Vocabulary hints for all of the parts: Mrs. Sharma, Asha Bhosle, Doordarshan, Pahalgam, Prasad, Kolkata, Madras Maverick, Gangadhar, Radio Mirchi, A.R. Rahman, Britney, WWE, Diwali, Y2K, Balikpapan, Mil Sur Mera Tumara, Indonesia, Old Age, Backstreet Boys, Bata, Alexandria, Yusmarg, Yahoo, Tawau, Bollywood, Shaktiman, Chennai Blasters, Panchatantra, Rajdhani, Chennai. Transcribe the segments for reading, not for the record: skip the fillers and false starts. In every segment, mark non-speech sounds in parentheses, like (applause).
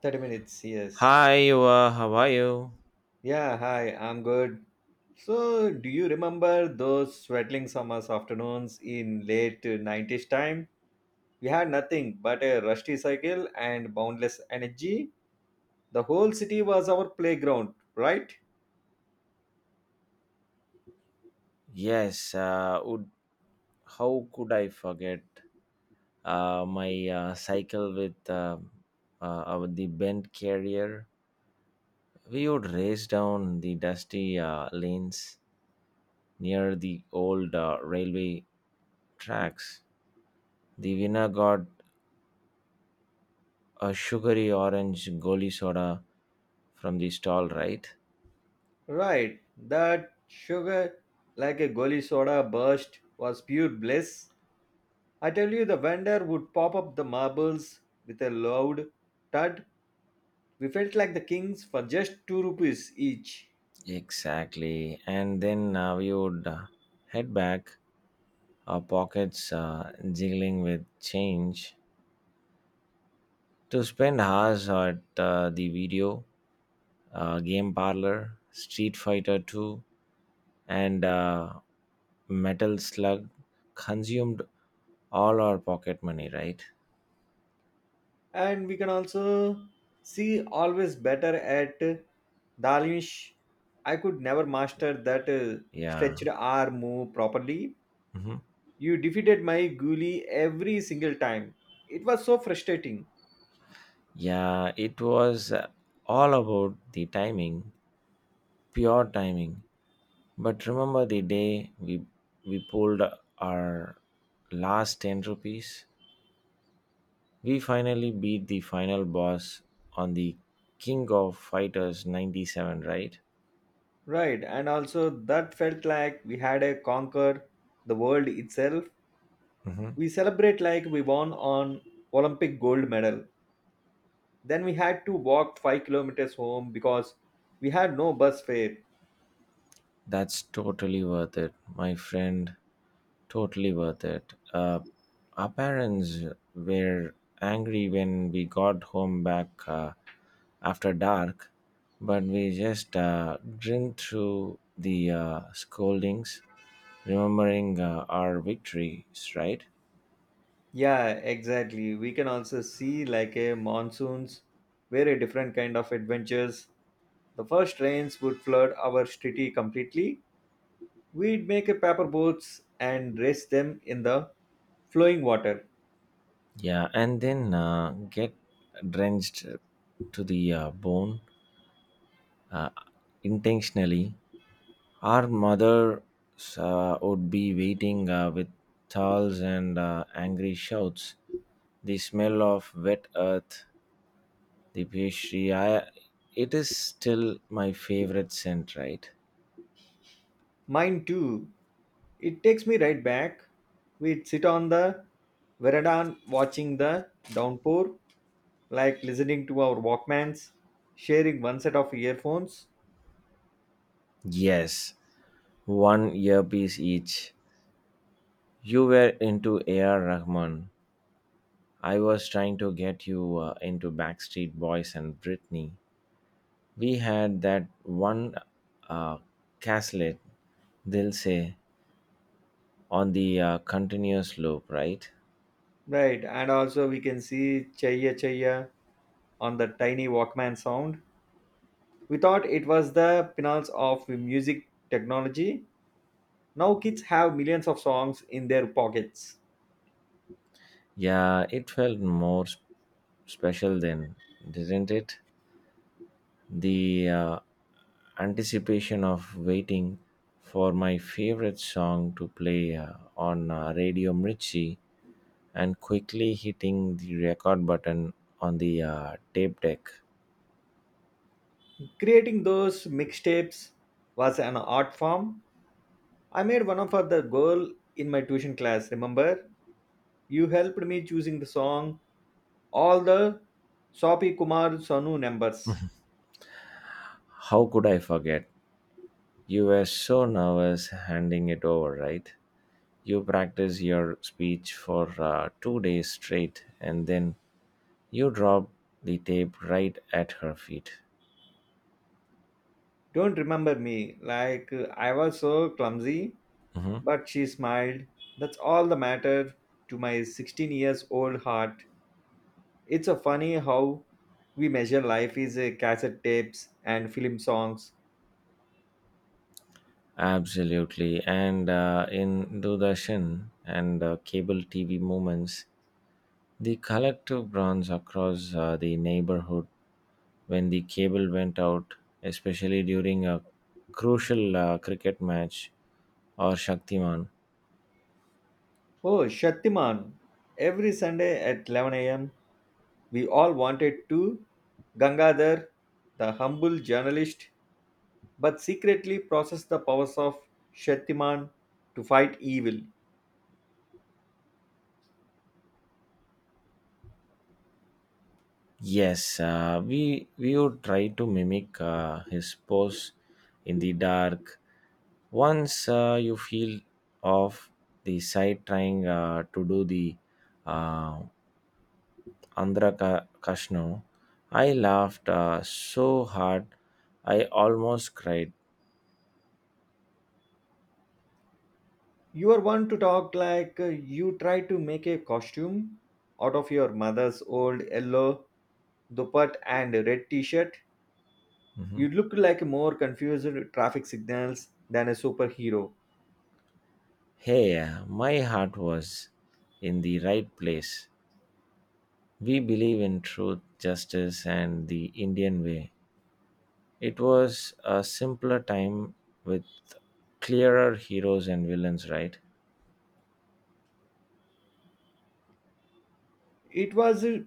30 minutes, yes. Hi, how are you? Yeah, hi, I'm good. So, do you remember those sweating summers afternoons in late 90s time? We had nothing but a rusty cycle and boundless energy. The whole city was our playground, right? Yes, uh, would, how could I forget my cycle with uh, the bent carrier? We would race down the dusty lanes near the old railway tracks. The winner got a sugary orange goli soda from the stall, right? Right. That sugar, like a goli soda burst, was pure bliss. I tell you, the vendor would pop up the marbles with a loud thud. We felt like the kings for just 2 rupees each. Exactly. And then we would head back, our pockets jiggling with change to spend hours at the video game parlor. Street Fighter 2 and Metal Slug consumed all our pocket money, right? And we can also see always better at Dalish. I could never master that Yeah. stretched arm move properly. Mhm. You defeated my ghoulie every single time. It was so frustrating, Yeah, it was all about the timing, pure timing. But remember the day we pulled our last 10 rupees? We finally beat the final boss on the King of Fighters 97, right? right? And also, that felt like we had a conquered the world itself. Mhm. We celebrate like we won on Olympic gold medal. Then we had to walk 5 kilometers home because we had no bus fare. That's totally worth it, my friend. Totally worth it. Our parents were angry when we got home back after dark, but we just grinned through the scoldings, remembering our victories, right? Yeah, exactly. We can also see like a monsoons were a different kind of adventures. The first rains would flood our city completely. We'd make a paper boats and race them in the flowing water. Yeah, and then get drenched to the bone uh, intentionally. Our mothers would be waiting with towels and angry shouts. The smell of wet earth, the pastry, it is still my favorite scent, right? Mine too. It takes me right back. We'd sit on the veranda watching the downpour, like listening to our Walkmans, sharing one set of earphones. Yes, one earpiece each. You were into A.R. Rahman. I was trying to get you into Backstreet Boys and Britney. We had that one uh, caslet, they'll say, on the continuous loop, right? Right, and also we can see Chaya Chaya on the tiny Walkman sound. We thought it was the pinnacle of music technology. Now kids have millions of songs in their pockets. Yeah, it felt more special then, didn't it? The anticipation of waiting for my favorite song to play on Radio Mirchi and quickly hitting the record button on the tape deck. Creating those mixtapes was an art form. I made one of the girl in my tuition class, remember? You helped me choosing the song, all the Sopi Kumar Sonu numbers. How could I forget? You were so nervous handing it over, right? You practice your speech for 2 days straight and then you dropped the tape right at her feet. Don't remember me, like I was so clumsy. Hmm. But she smiled. That's all the matter to my 16 years old heart. It's a funny how we measure life is cassette tapes and film songs. Absolutely. And in Doordarshan and cable TV moments, the collective groans across the neighborhood when the cable went out, especially during a crucial cricket match or Shaktiman. Oh, Shaktiman. Every Sunday at 11 a.m., we all wanted to Gangadhar, the humble journalist, but secretly process the powers of Shaktiman to fight evil. Yes, we would try to mimic his pose in the dark once you feel off the side trying to do the uh, andhra kashno. I laughed so hard I almost cried. You are one to talk like you try to make a costume out of your mother's old yellow dupatta and red t-shirt. You Mhm. look like more confused traffic signals than a superhero. Hey, my heart was in the right place. We believe in truth, justice, and the Indian way. It was a simpler time with clearer heroes and villains, right? It was,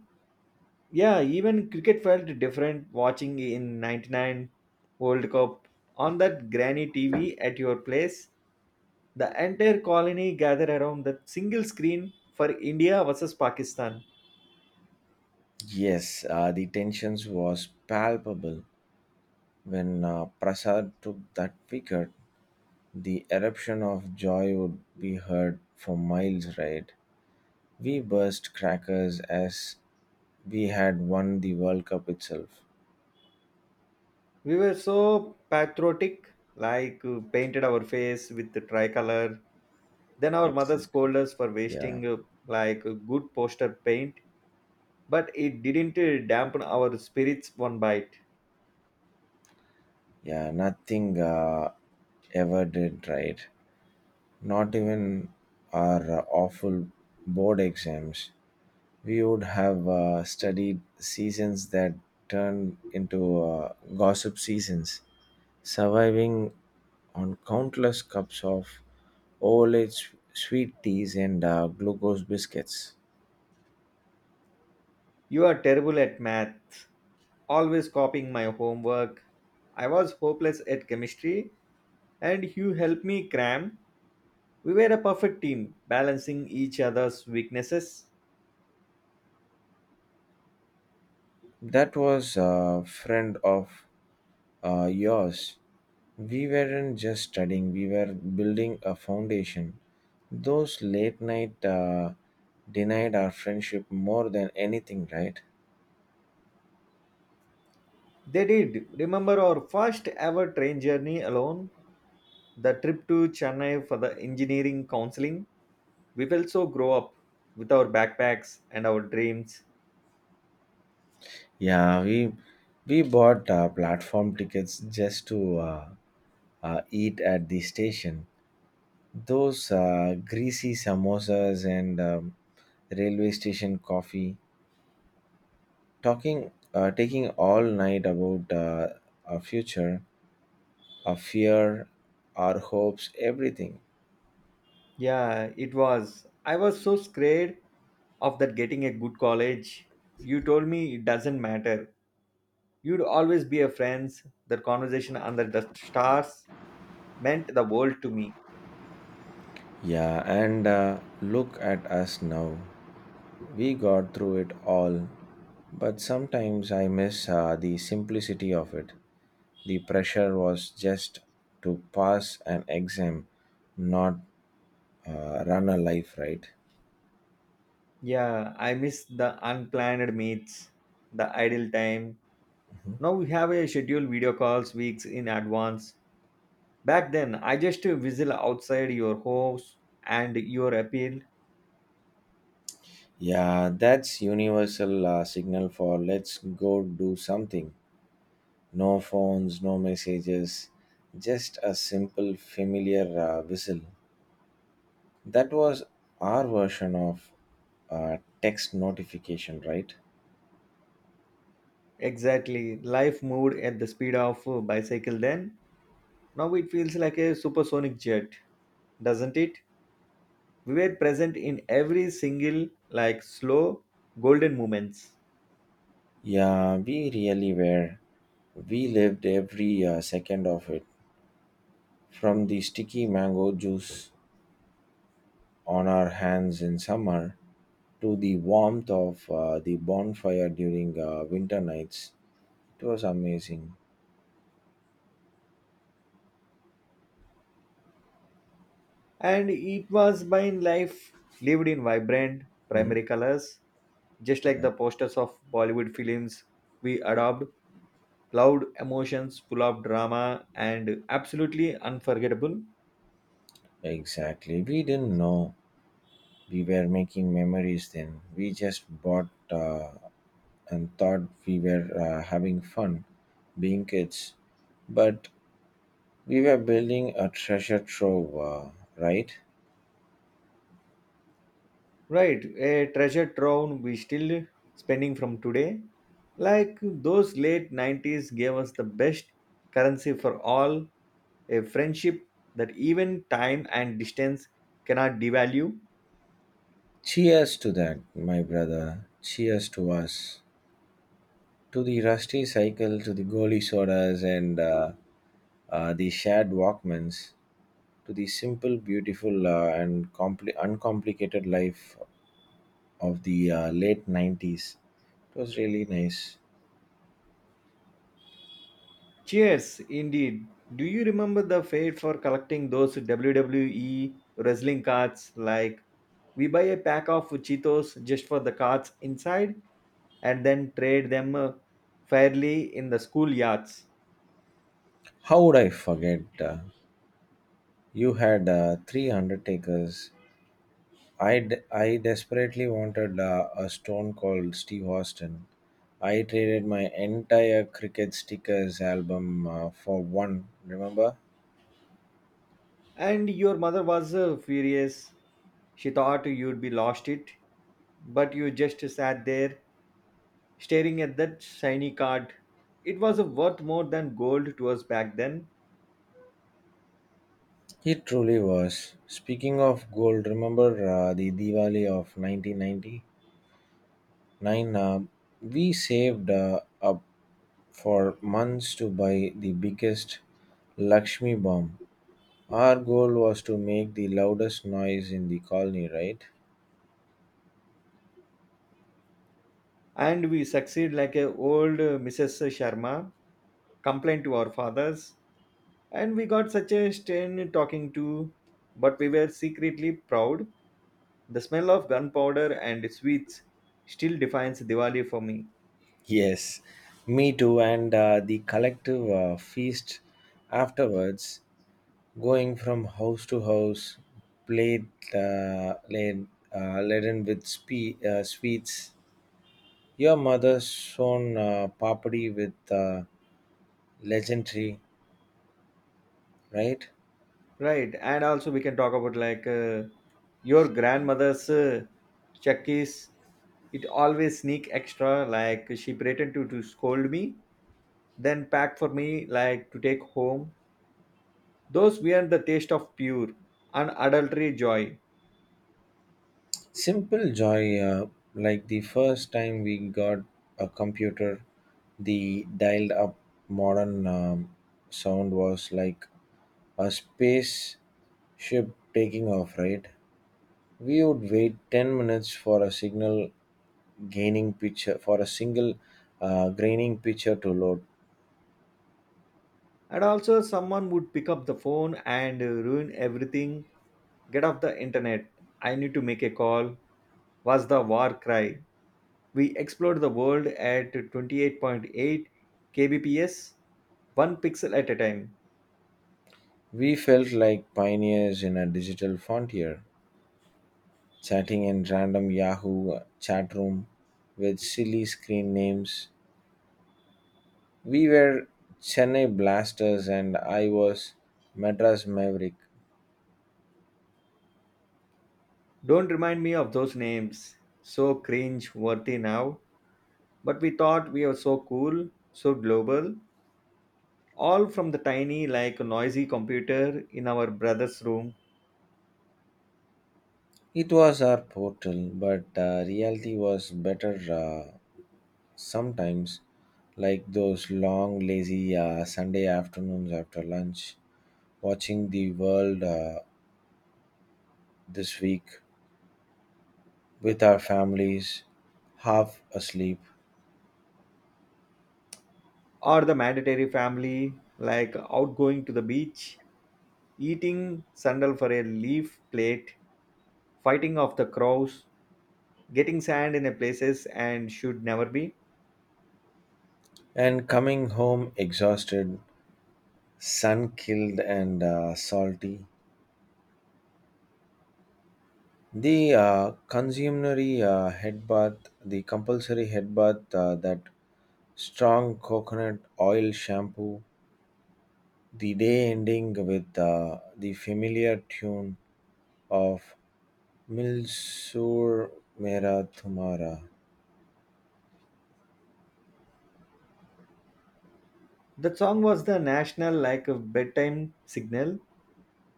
yeah, even cricket felt different watching in 99 World Cup on that granny TV at your place. The entire colony gathered around that single screen for India versus Pakistan. Yes, the tensions was palpable. When Prasad took that wicket, the eruption of joy would be heard for miles, right? We burst crackers as we had won the World Cup itself. We were so patriotic, like painted our face with the tricolor. Then our mother Exactly. scolded us for Yeah, wasting like good poster paint, but it didn't dampen our spirits one bite. yeah, nothing ever did, right? Not even our awful board exams. We would have studied seasons that turned into gossip seasons, surviving on countless cups of old age sweet teas and glucose biscuits. You are terrible at math, always copying my homework. I was hopeless at chemistry, and you helped me cram. We were a perfect team, balancing each other's weaknesses. That was a friend of yours. We weren't just studying, we were building a foundation. Those late night denied our friendship more than anything, right? They did. Remember our first ever train journey alone? The trip to Chennai for the engineering counseling, we felt so grow up with our backpacks and our dreams. Yeah, we bought platform tickets just to eat at the station. Those greasy samosas and railway station coffee. Taking all night about our future, our fear, our hopes, everything. Yeah, it was. I was so scared of that getting a good college. You told me it doesn't matter. You'd always be a friends. That conversation under the stars meant the world to me. Yeah, and look at us now. We got through it all, but sometimes I miss the simplicity of it. The pressure was just to pass an exam, not run a life, right? Yeah, I miss the unplanned meets, the idle time. Mm-hmm. Now we have a scheduled video calls weeks in advance. Back then, I just whistle outside your house and your appeal. Yeah, that's universal signal for let's go do something. No phones, no messages, just a simple familiar whistle. That was our version of text notification, right? Exactly. Life moved at the speed of a bicycle then. Now it feels like a supersonic jet, doesn't it? We were present in every single, like, slow, golden moments. Yeah, we really were. We lived every second of it. From the sticky mango juice on our hands in summer to the warmth of the bonfire during winter nights. It was amazing. And it was by in life lived in vibrant Mhm. primary colors, just like Yeah. the posters of Bollywood films we adopt loud emotions, full of drama, and absolutely unforgettable. Exactly. We didn't know we were making memories then. We just bought and thought we were having fun being kids. But we were building a treasure trove, right? Right, a treasure trove we still spending from today. Like those late 90s gave us the best currency for all, a friendship that even time and distance cannot devalue. Cheers to that, my brother. Cheers to us. To the rusty cycle, to the goalie sodas, and the shared Walkmans, to the simple, beautiful, and uncomplicated life of the late 90s. It was really nice. Cheers, indeed. Do you remember the fate for collecting those WWE wrestling cards? Like, we buy a pack of Cheetos just for the cards inside, and then trade them fairly in the schoolyards. How would I forget? You had three undertakers. I desperately wanted a stone called Steve Austin. I traded my entire cricket stickers album for one, remember? And your mother was furious. She thought you'd be lost it, but you just sat there staring at that shiny card. It was worth more than gold to us back then, He truly was. Speaking of gold, remember the Diwali of 1999? Uh, we saved up for months to buy the biggest Lakshmi bomb. Our goal was to make the loudest noise in the colony, right? and we succeed like a old Mrs. Sharma complained to our fathers, and we got such a strain talking to, but we were secretly proud. The smell of gunpowder and sweets still defines Diwali for me. Yes, me too. And the collective feast afterwards, going from house to house, played, uh, laid, laden with sweets. Your mother's shown papadi with legendary, right? Right, and also we can talk about like your grandmother's chakis. It always sneak extra. Like she pretend to scold me, then pack for me like to take home. Those were the taste of pure unadulterated joy. Simple joy, like the first time we got a computer, the dialed up modern sound was like a space ship taking off, right? We would wait 10 minutes for a signal gaining picture, for a single graining picture to load. And also someone would pick up the phone and ruin everything. Get off the internet. I need to make a call. Was the war cry. We explored the world at 28.8 kbps, one pixel at a time. We felt like pioneers in a digital frontier, chatting in random Yahoo chat room with silly screen names. We were Chennai Blasters and I was Madras Maverick. Don't remind me of those names. So cringe worthy now. But we thought we were so cool, so global, all from the tiny, like noisy computer in our brother's room, It was our portal, but reality was better sometimes, like those long, lazy Sunday afternoons after lunch, watching the world this week with our families, half asleep, or the mandatory family, like outgoing to the beach, eating sandal for a leaf plate, fighting off the crows, getting sand in a places and should never be. and coming home exhausted, sun killed, and salty. The consummary head bath, the compulsory head bath, that strong coconut oil shampoo, the day ending with the familiar tune of "Mil Sur Mera Tumara." That song was the national like a bedtime signal.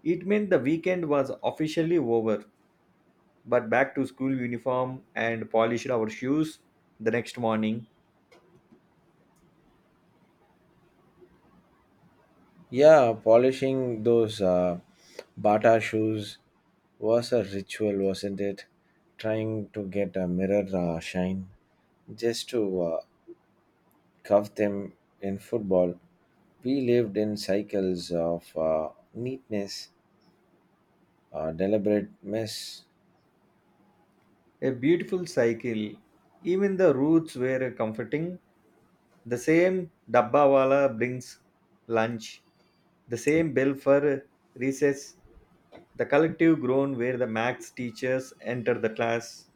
It meant the weekend was officially over, but back to school uniform and polished our shoes the next morning. Yeah, polishing those Bata shoes was a ritual, wasn't it? Trying to get a mirror shine just to cuff them in football. We lived in cycles of neatness, deliberate mess. A beautiful cycle. Even the roots were comforting. The same dabbawala brings lunch. The same bell for recess. The collective groan where the max teachers enter the class.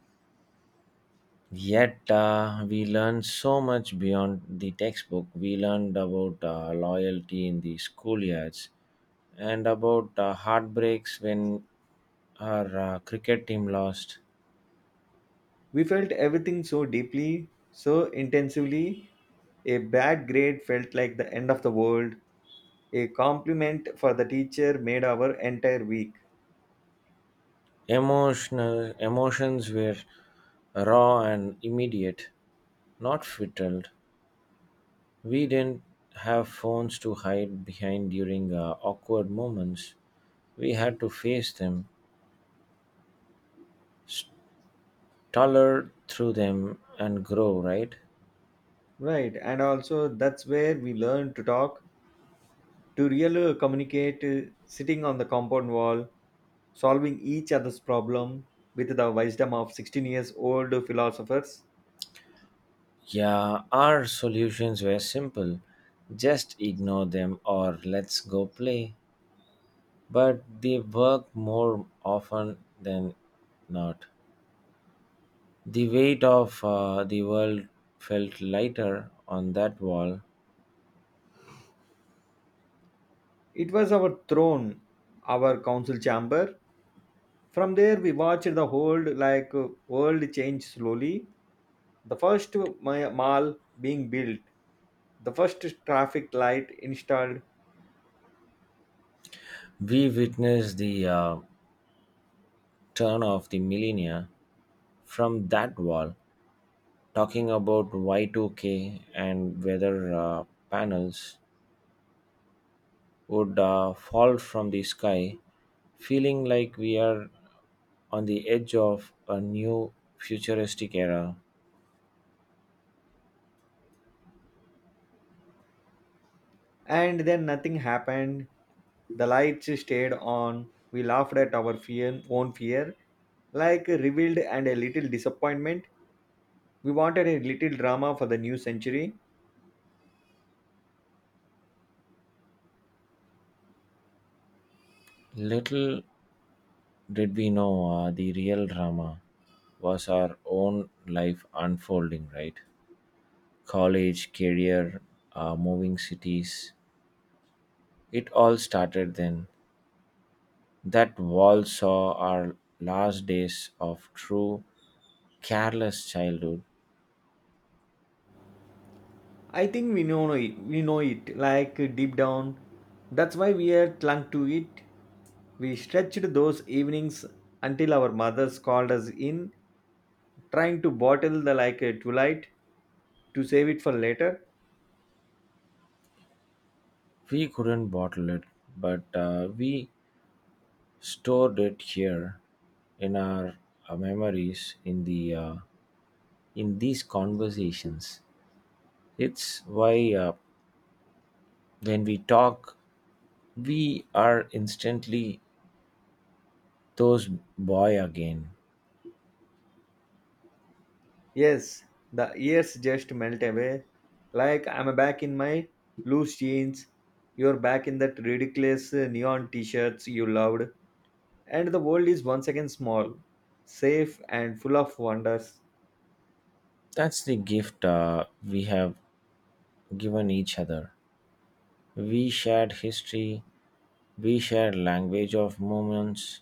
Yet we learned so much beyond the textbook. We learned about loyalty in the schoolyards and about heartbreaks when our cricket team lost. We felt everything so deeply, so intensively. A bad grade felt like the end of the world. A compliment for the teacher made our entire week. Emotional emotions were raw and immediate, not filtered. We didn't have phones to hide behind during awkward moments. We had to face them, stutter through them, and grow, right? Right, and also that's where we learned to talk, to really communicate, sitting on the compound wall, solving each other's problem with the wisdom of 16 years old philosophers. Yeah, our solutions were simple, just ignore them or let's go play. But they work more often than not. The weight of the world felt lighter on that wall. It was our throne, our council chamber. From there, we watched the whole like world change slowly. The first mall being built, the first traffic light installed, We witnessed the turn of the millennia from that wall, talking about Y2K and whether panels would fall from the sky, feeling like we are on the edge of a new futuristic era. and then nothing happened. The lights stayed on. We laughed at our fear, own fear, like revealed and a little disappointment. We wanted a little drama for the new century. Little did we know the real drama was our own life unfolding, right? College, career, moving cities, it all started then. That wall saw our last days of true careless childhood. I think we know it. We know it, like deep down. That's why we are clung to it. We stretched those evenings until our mothers called us in, trying to bottle the like a twilight. To save it for later? We couldn't bottle it, but we stored it here in our memories, in the in these conversations. It's why when we talk, we are instantly those boy again. Yes, the years just melt away. Like I'm back in my loose jeans, you're back in that ridiculous neon t shirts you loved, and the world is once again small, safe, and full of wonders. That's the gift we have given each other. We shared history. We share language of moments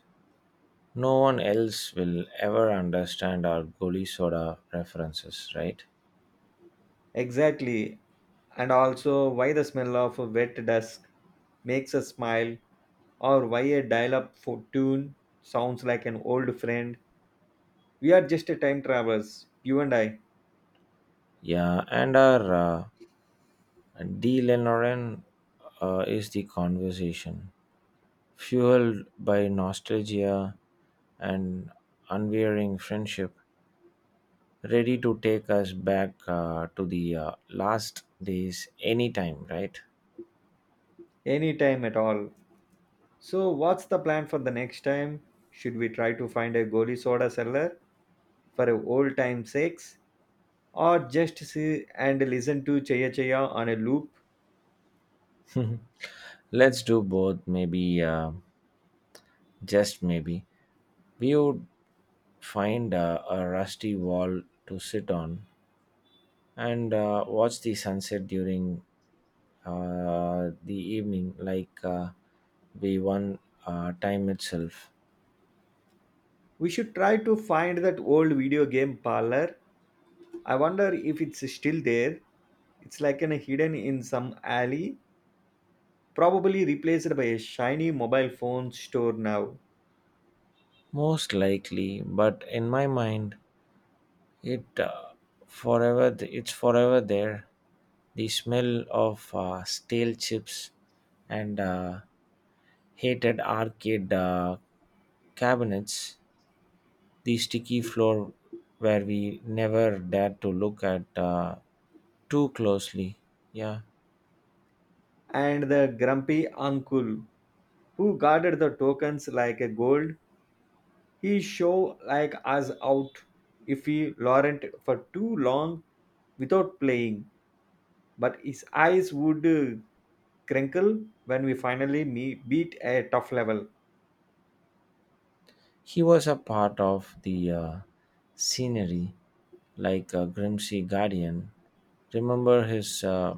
no one else will ever understand, our Goli Soda references, right? Exactly, and also why the smell of a wet dusk makes us smile, or why a dial up for tune sounds like an old friend. We are just a time travelers, you and I, Yeah, and our D. Lenoren is the conversation, fueled by nostalgia and unwearing friendship, ready to take us back to the last days anytime, right? Any time at all. So, what's the plan for the next time? Should we try to find a goalie soda seller for a old time sakes, or just see and listen to Chaya Chaya on a loop? Let's do both, maybe, just maybe. We would find a rusty wall to sit on and watch the sunset during the evening, like we won time itself. We should try to find that old video game parlor. I wonder if it's still there. It's like an hidden in some alley, probably replaced by a shiny mobile phone store now. Most likely, but in my mind, it it's forever there. The smell of stale chips and hated arcade cabinets, the sticky floor where we never dared to look at too closely. Yeah, And the grumpy uncle who guarded the tokens like a gold. He show like us out if he Laurent for too long without playing, but his eyes would crinkle when we finally meet, beat a tough level. he was a part of the scenery, like a Grimsey guardian. Remember his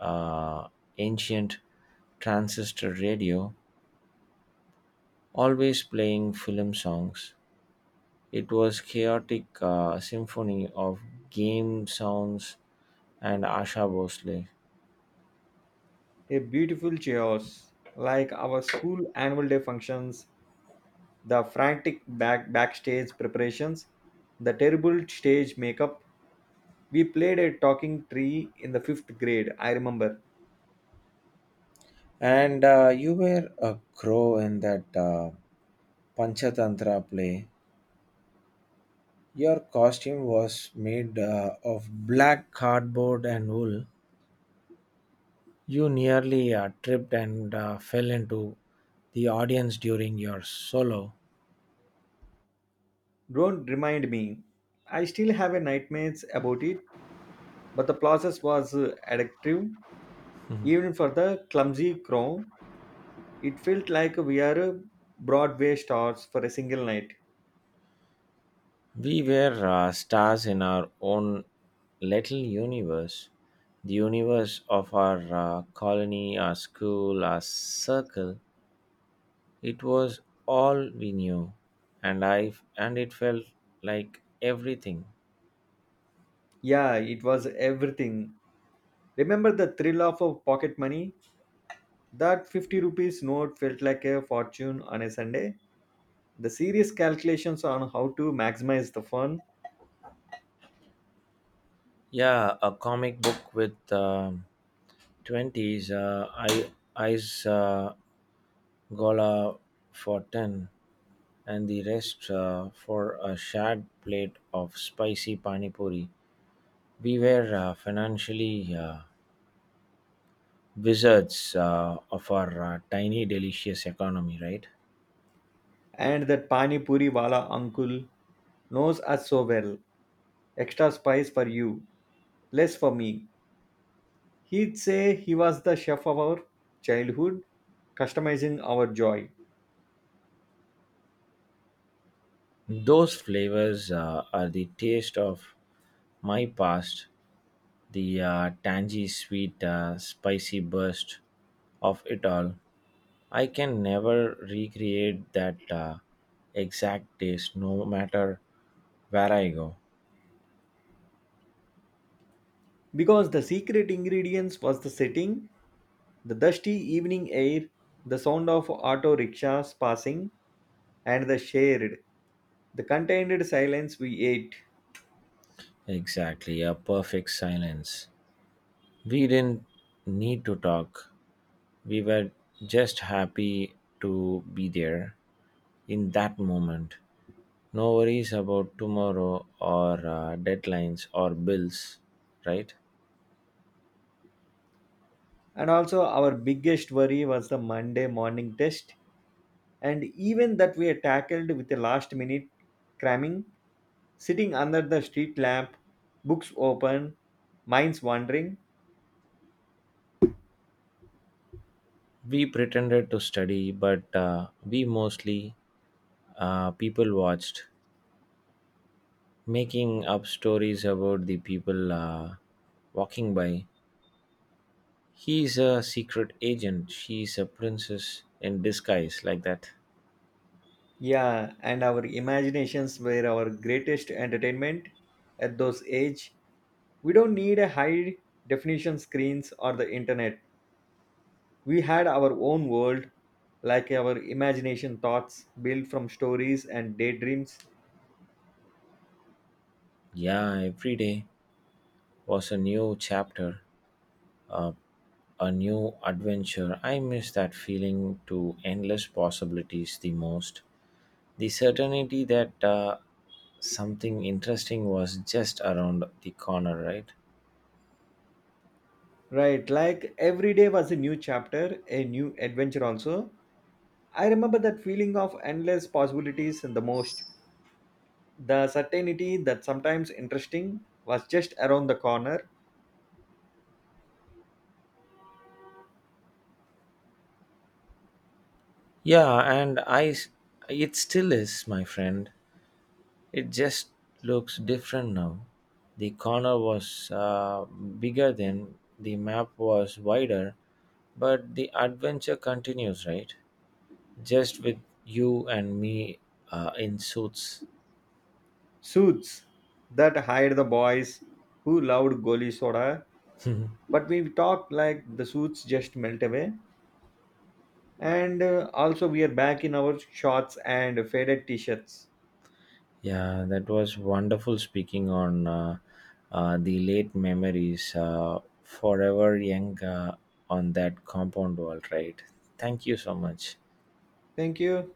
uh, ancient transistor radio, always playing film songs. It was chaotic symphony of game sounds and Asha Bhosle. A beautiful chaos, like our school annual day functions, the frantic backstage preparations, the terrible stage makeup. We played a talking tree in the fifth grade. I remember. And you were a crow in that Panchatantra play. Your costume was made of black cardboard and wool. You nearly tripped and fell into the audience during your solo. Don't remind me. I still have a nightmares about it. But the process was addictive, Mhm. even for the clumsy crow. It felt like we are Broadway stars for a single night. We were stars in our own little universe. The universe of our colony, our school, our circle. It was all we knew, and I and it felt like everything. Yeah, it was everything. Remember the thrill of pocket money? That 50 rupees note felt like a fortune on a Sunday. The serious calculations on how to maximize the fun. Yeah, a comic book with 20s, I, I's Gola for 10, and the rest for a shared plate of spicy pani puri. We were financially wizards of our tiny, delicious economy, right? And that Pani Puri Wala uncle knows us so well. Extra spice for you, less for me. He'd say he was the chef of our childhood, customizing our joy. Those flavors are the taste of my past, the tangy, sweet, spicy burst of it all. I can never recreate that exact taste no matter where I go. Because the secret ingredients was the setting, the dusty evening air, the sound of auto rickshaws passing, and the shared, the contained silence we ate. Exactly, a perfect silence. We didn't need to talk. We were just happy to be there in that moment. No worries about tomorrow or deadlines or bills, right? And also, our biggest worry was the Monday morning test, and even that we tackled with a last minute cramming, sitting under the street lamp, books open, minds wandering. We pretended to study, but we mostly people watched, making up stories about the people walking by. He's a secret agent, she's a princess in disguise, like that. Yeah, and our imaginations were our greatest entertainment at those age. We don't need a high definition screens or the internet. We had our own world, like our imagination thoughts built from stories and daydreams. Yeah, every day was a new chapter, uh, a new adventure. I miss that feeling to endless possibilities the most. The certainty that something interesting was just around the corner, right? Right, like every day was a new chapter, a new adventure also. I remember that feeling of endless possibilities the most. The certainty that sometimes interesting was just around the corner. Yeah, and I, s- it still is, my friend. It just looks different now. The corner was bigger then, the map was wider, but the adventure continues, right? Just with you and me in suits. Suits that hide the boys who loved goli soda, (laughs) but we talked like the suits just melt away, and also we are back in our shorts and faded t-shirts. Yeah, that was wonderful speaking on the late memories, forever young on that compound wall, right? Thank you so much. Thank you.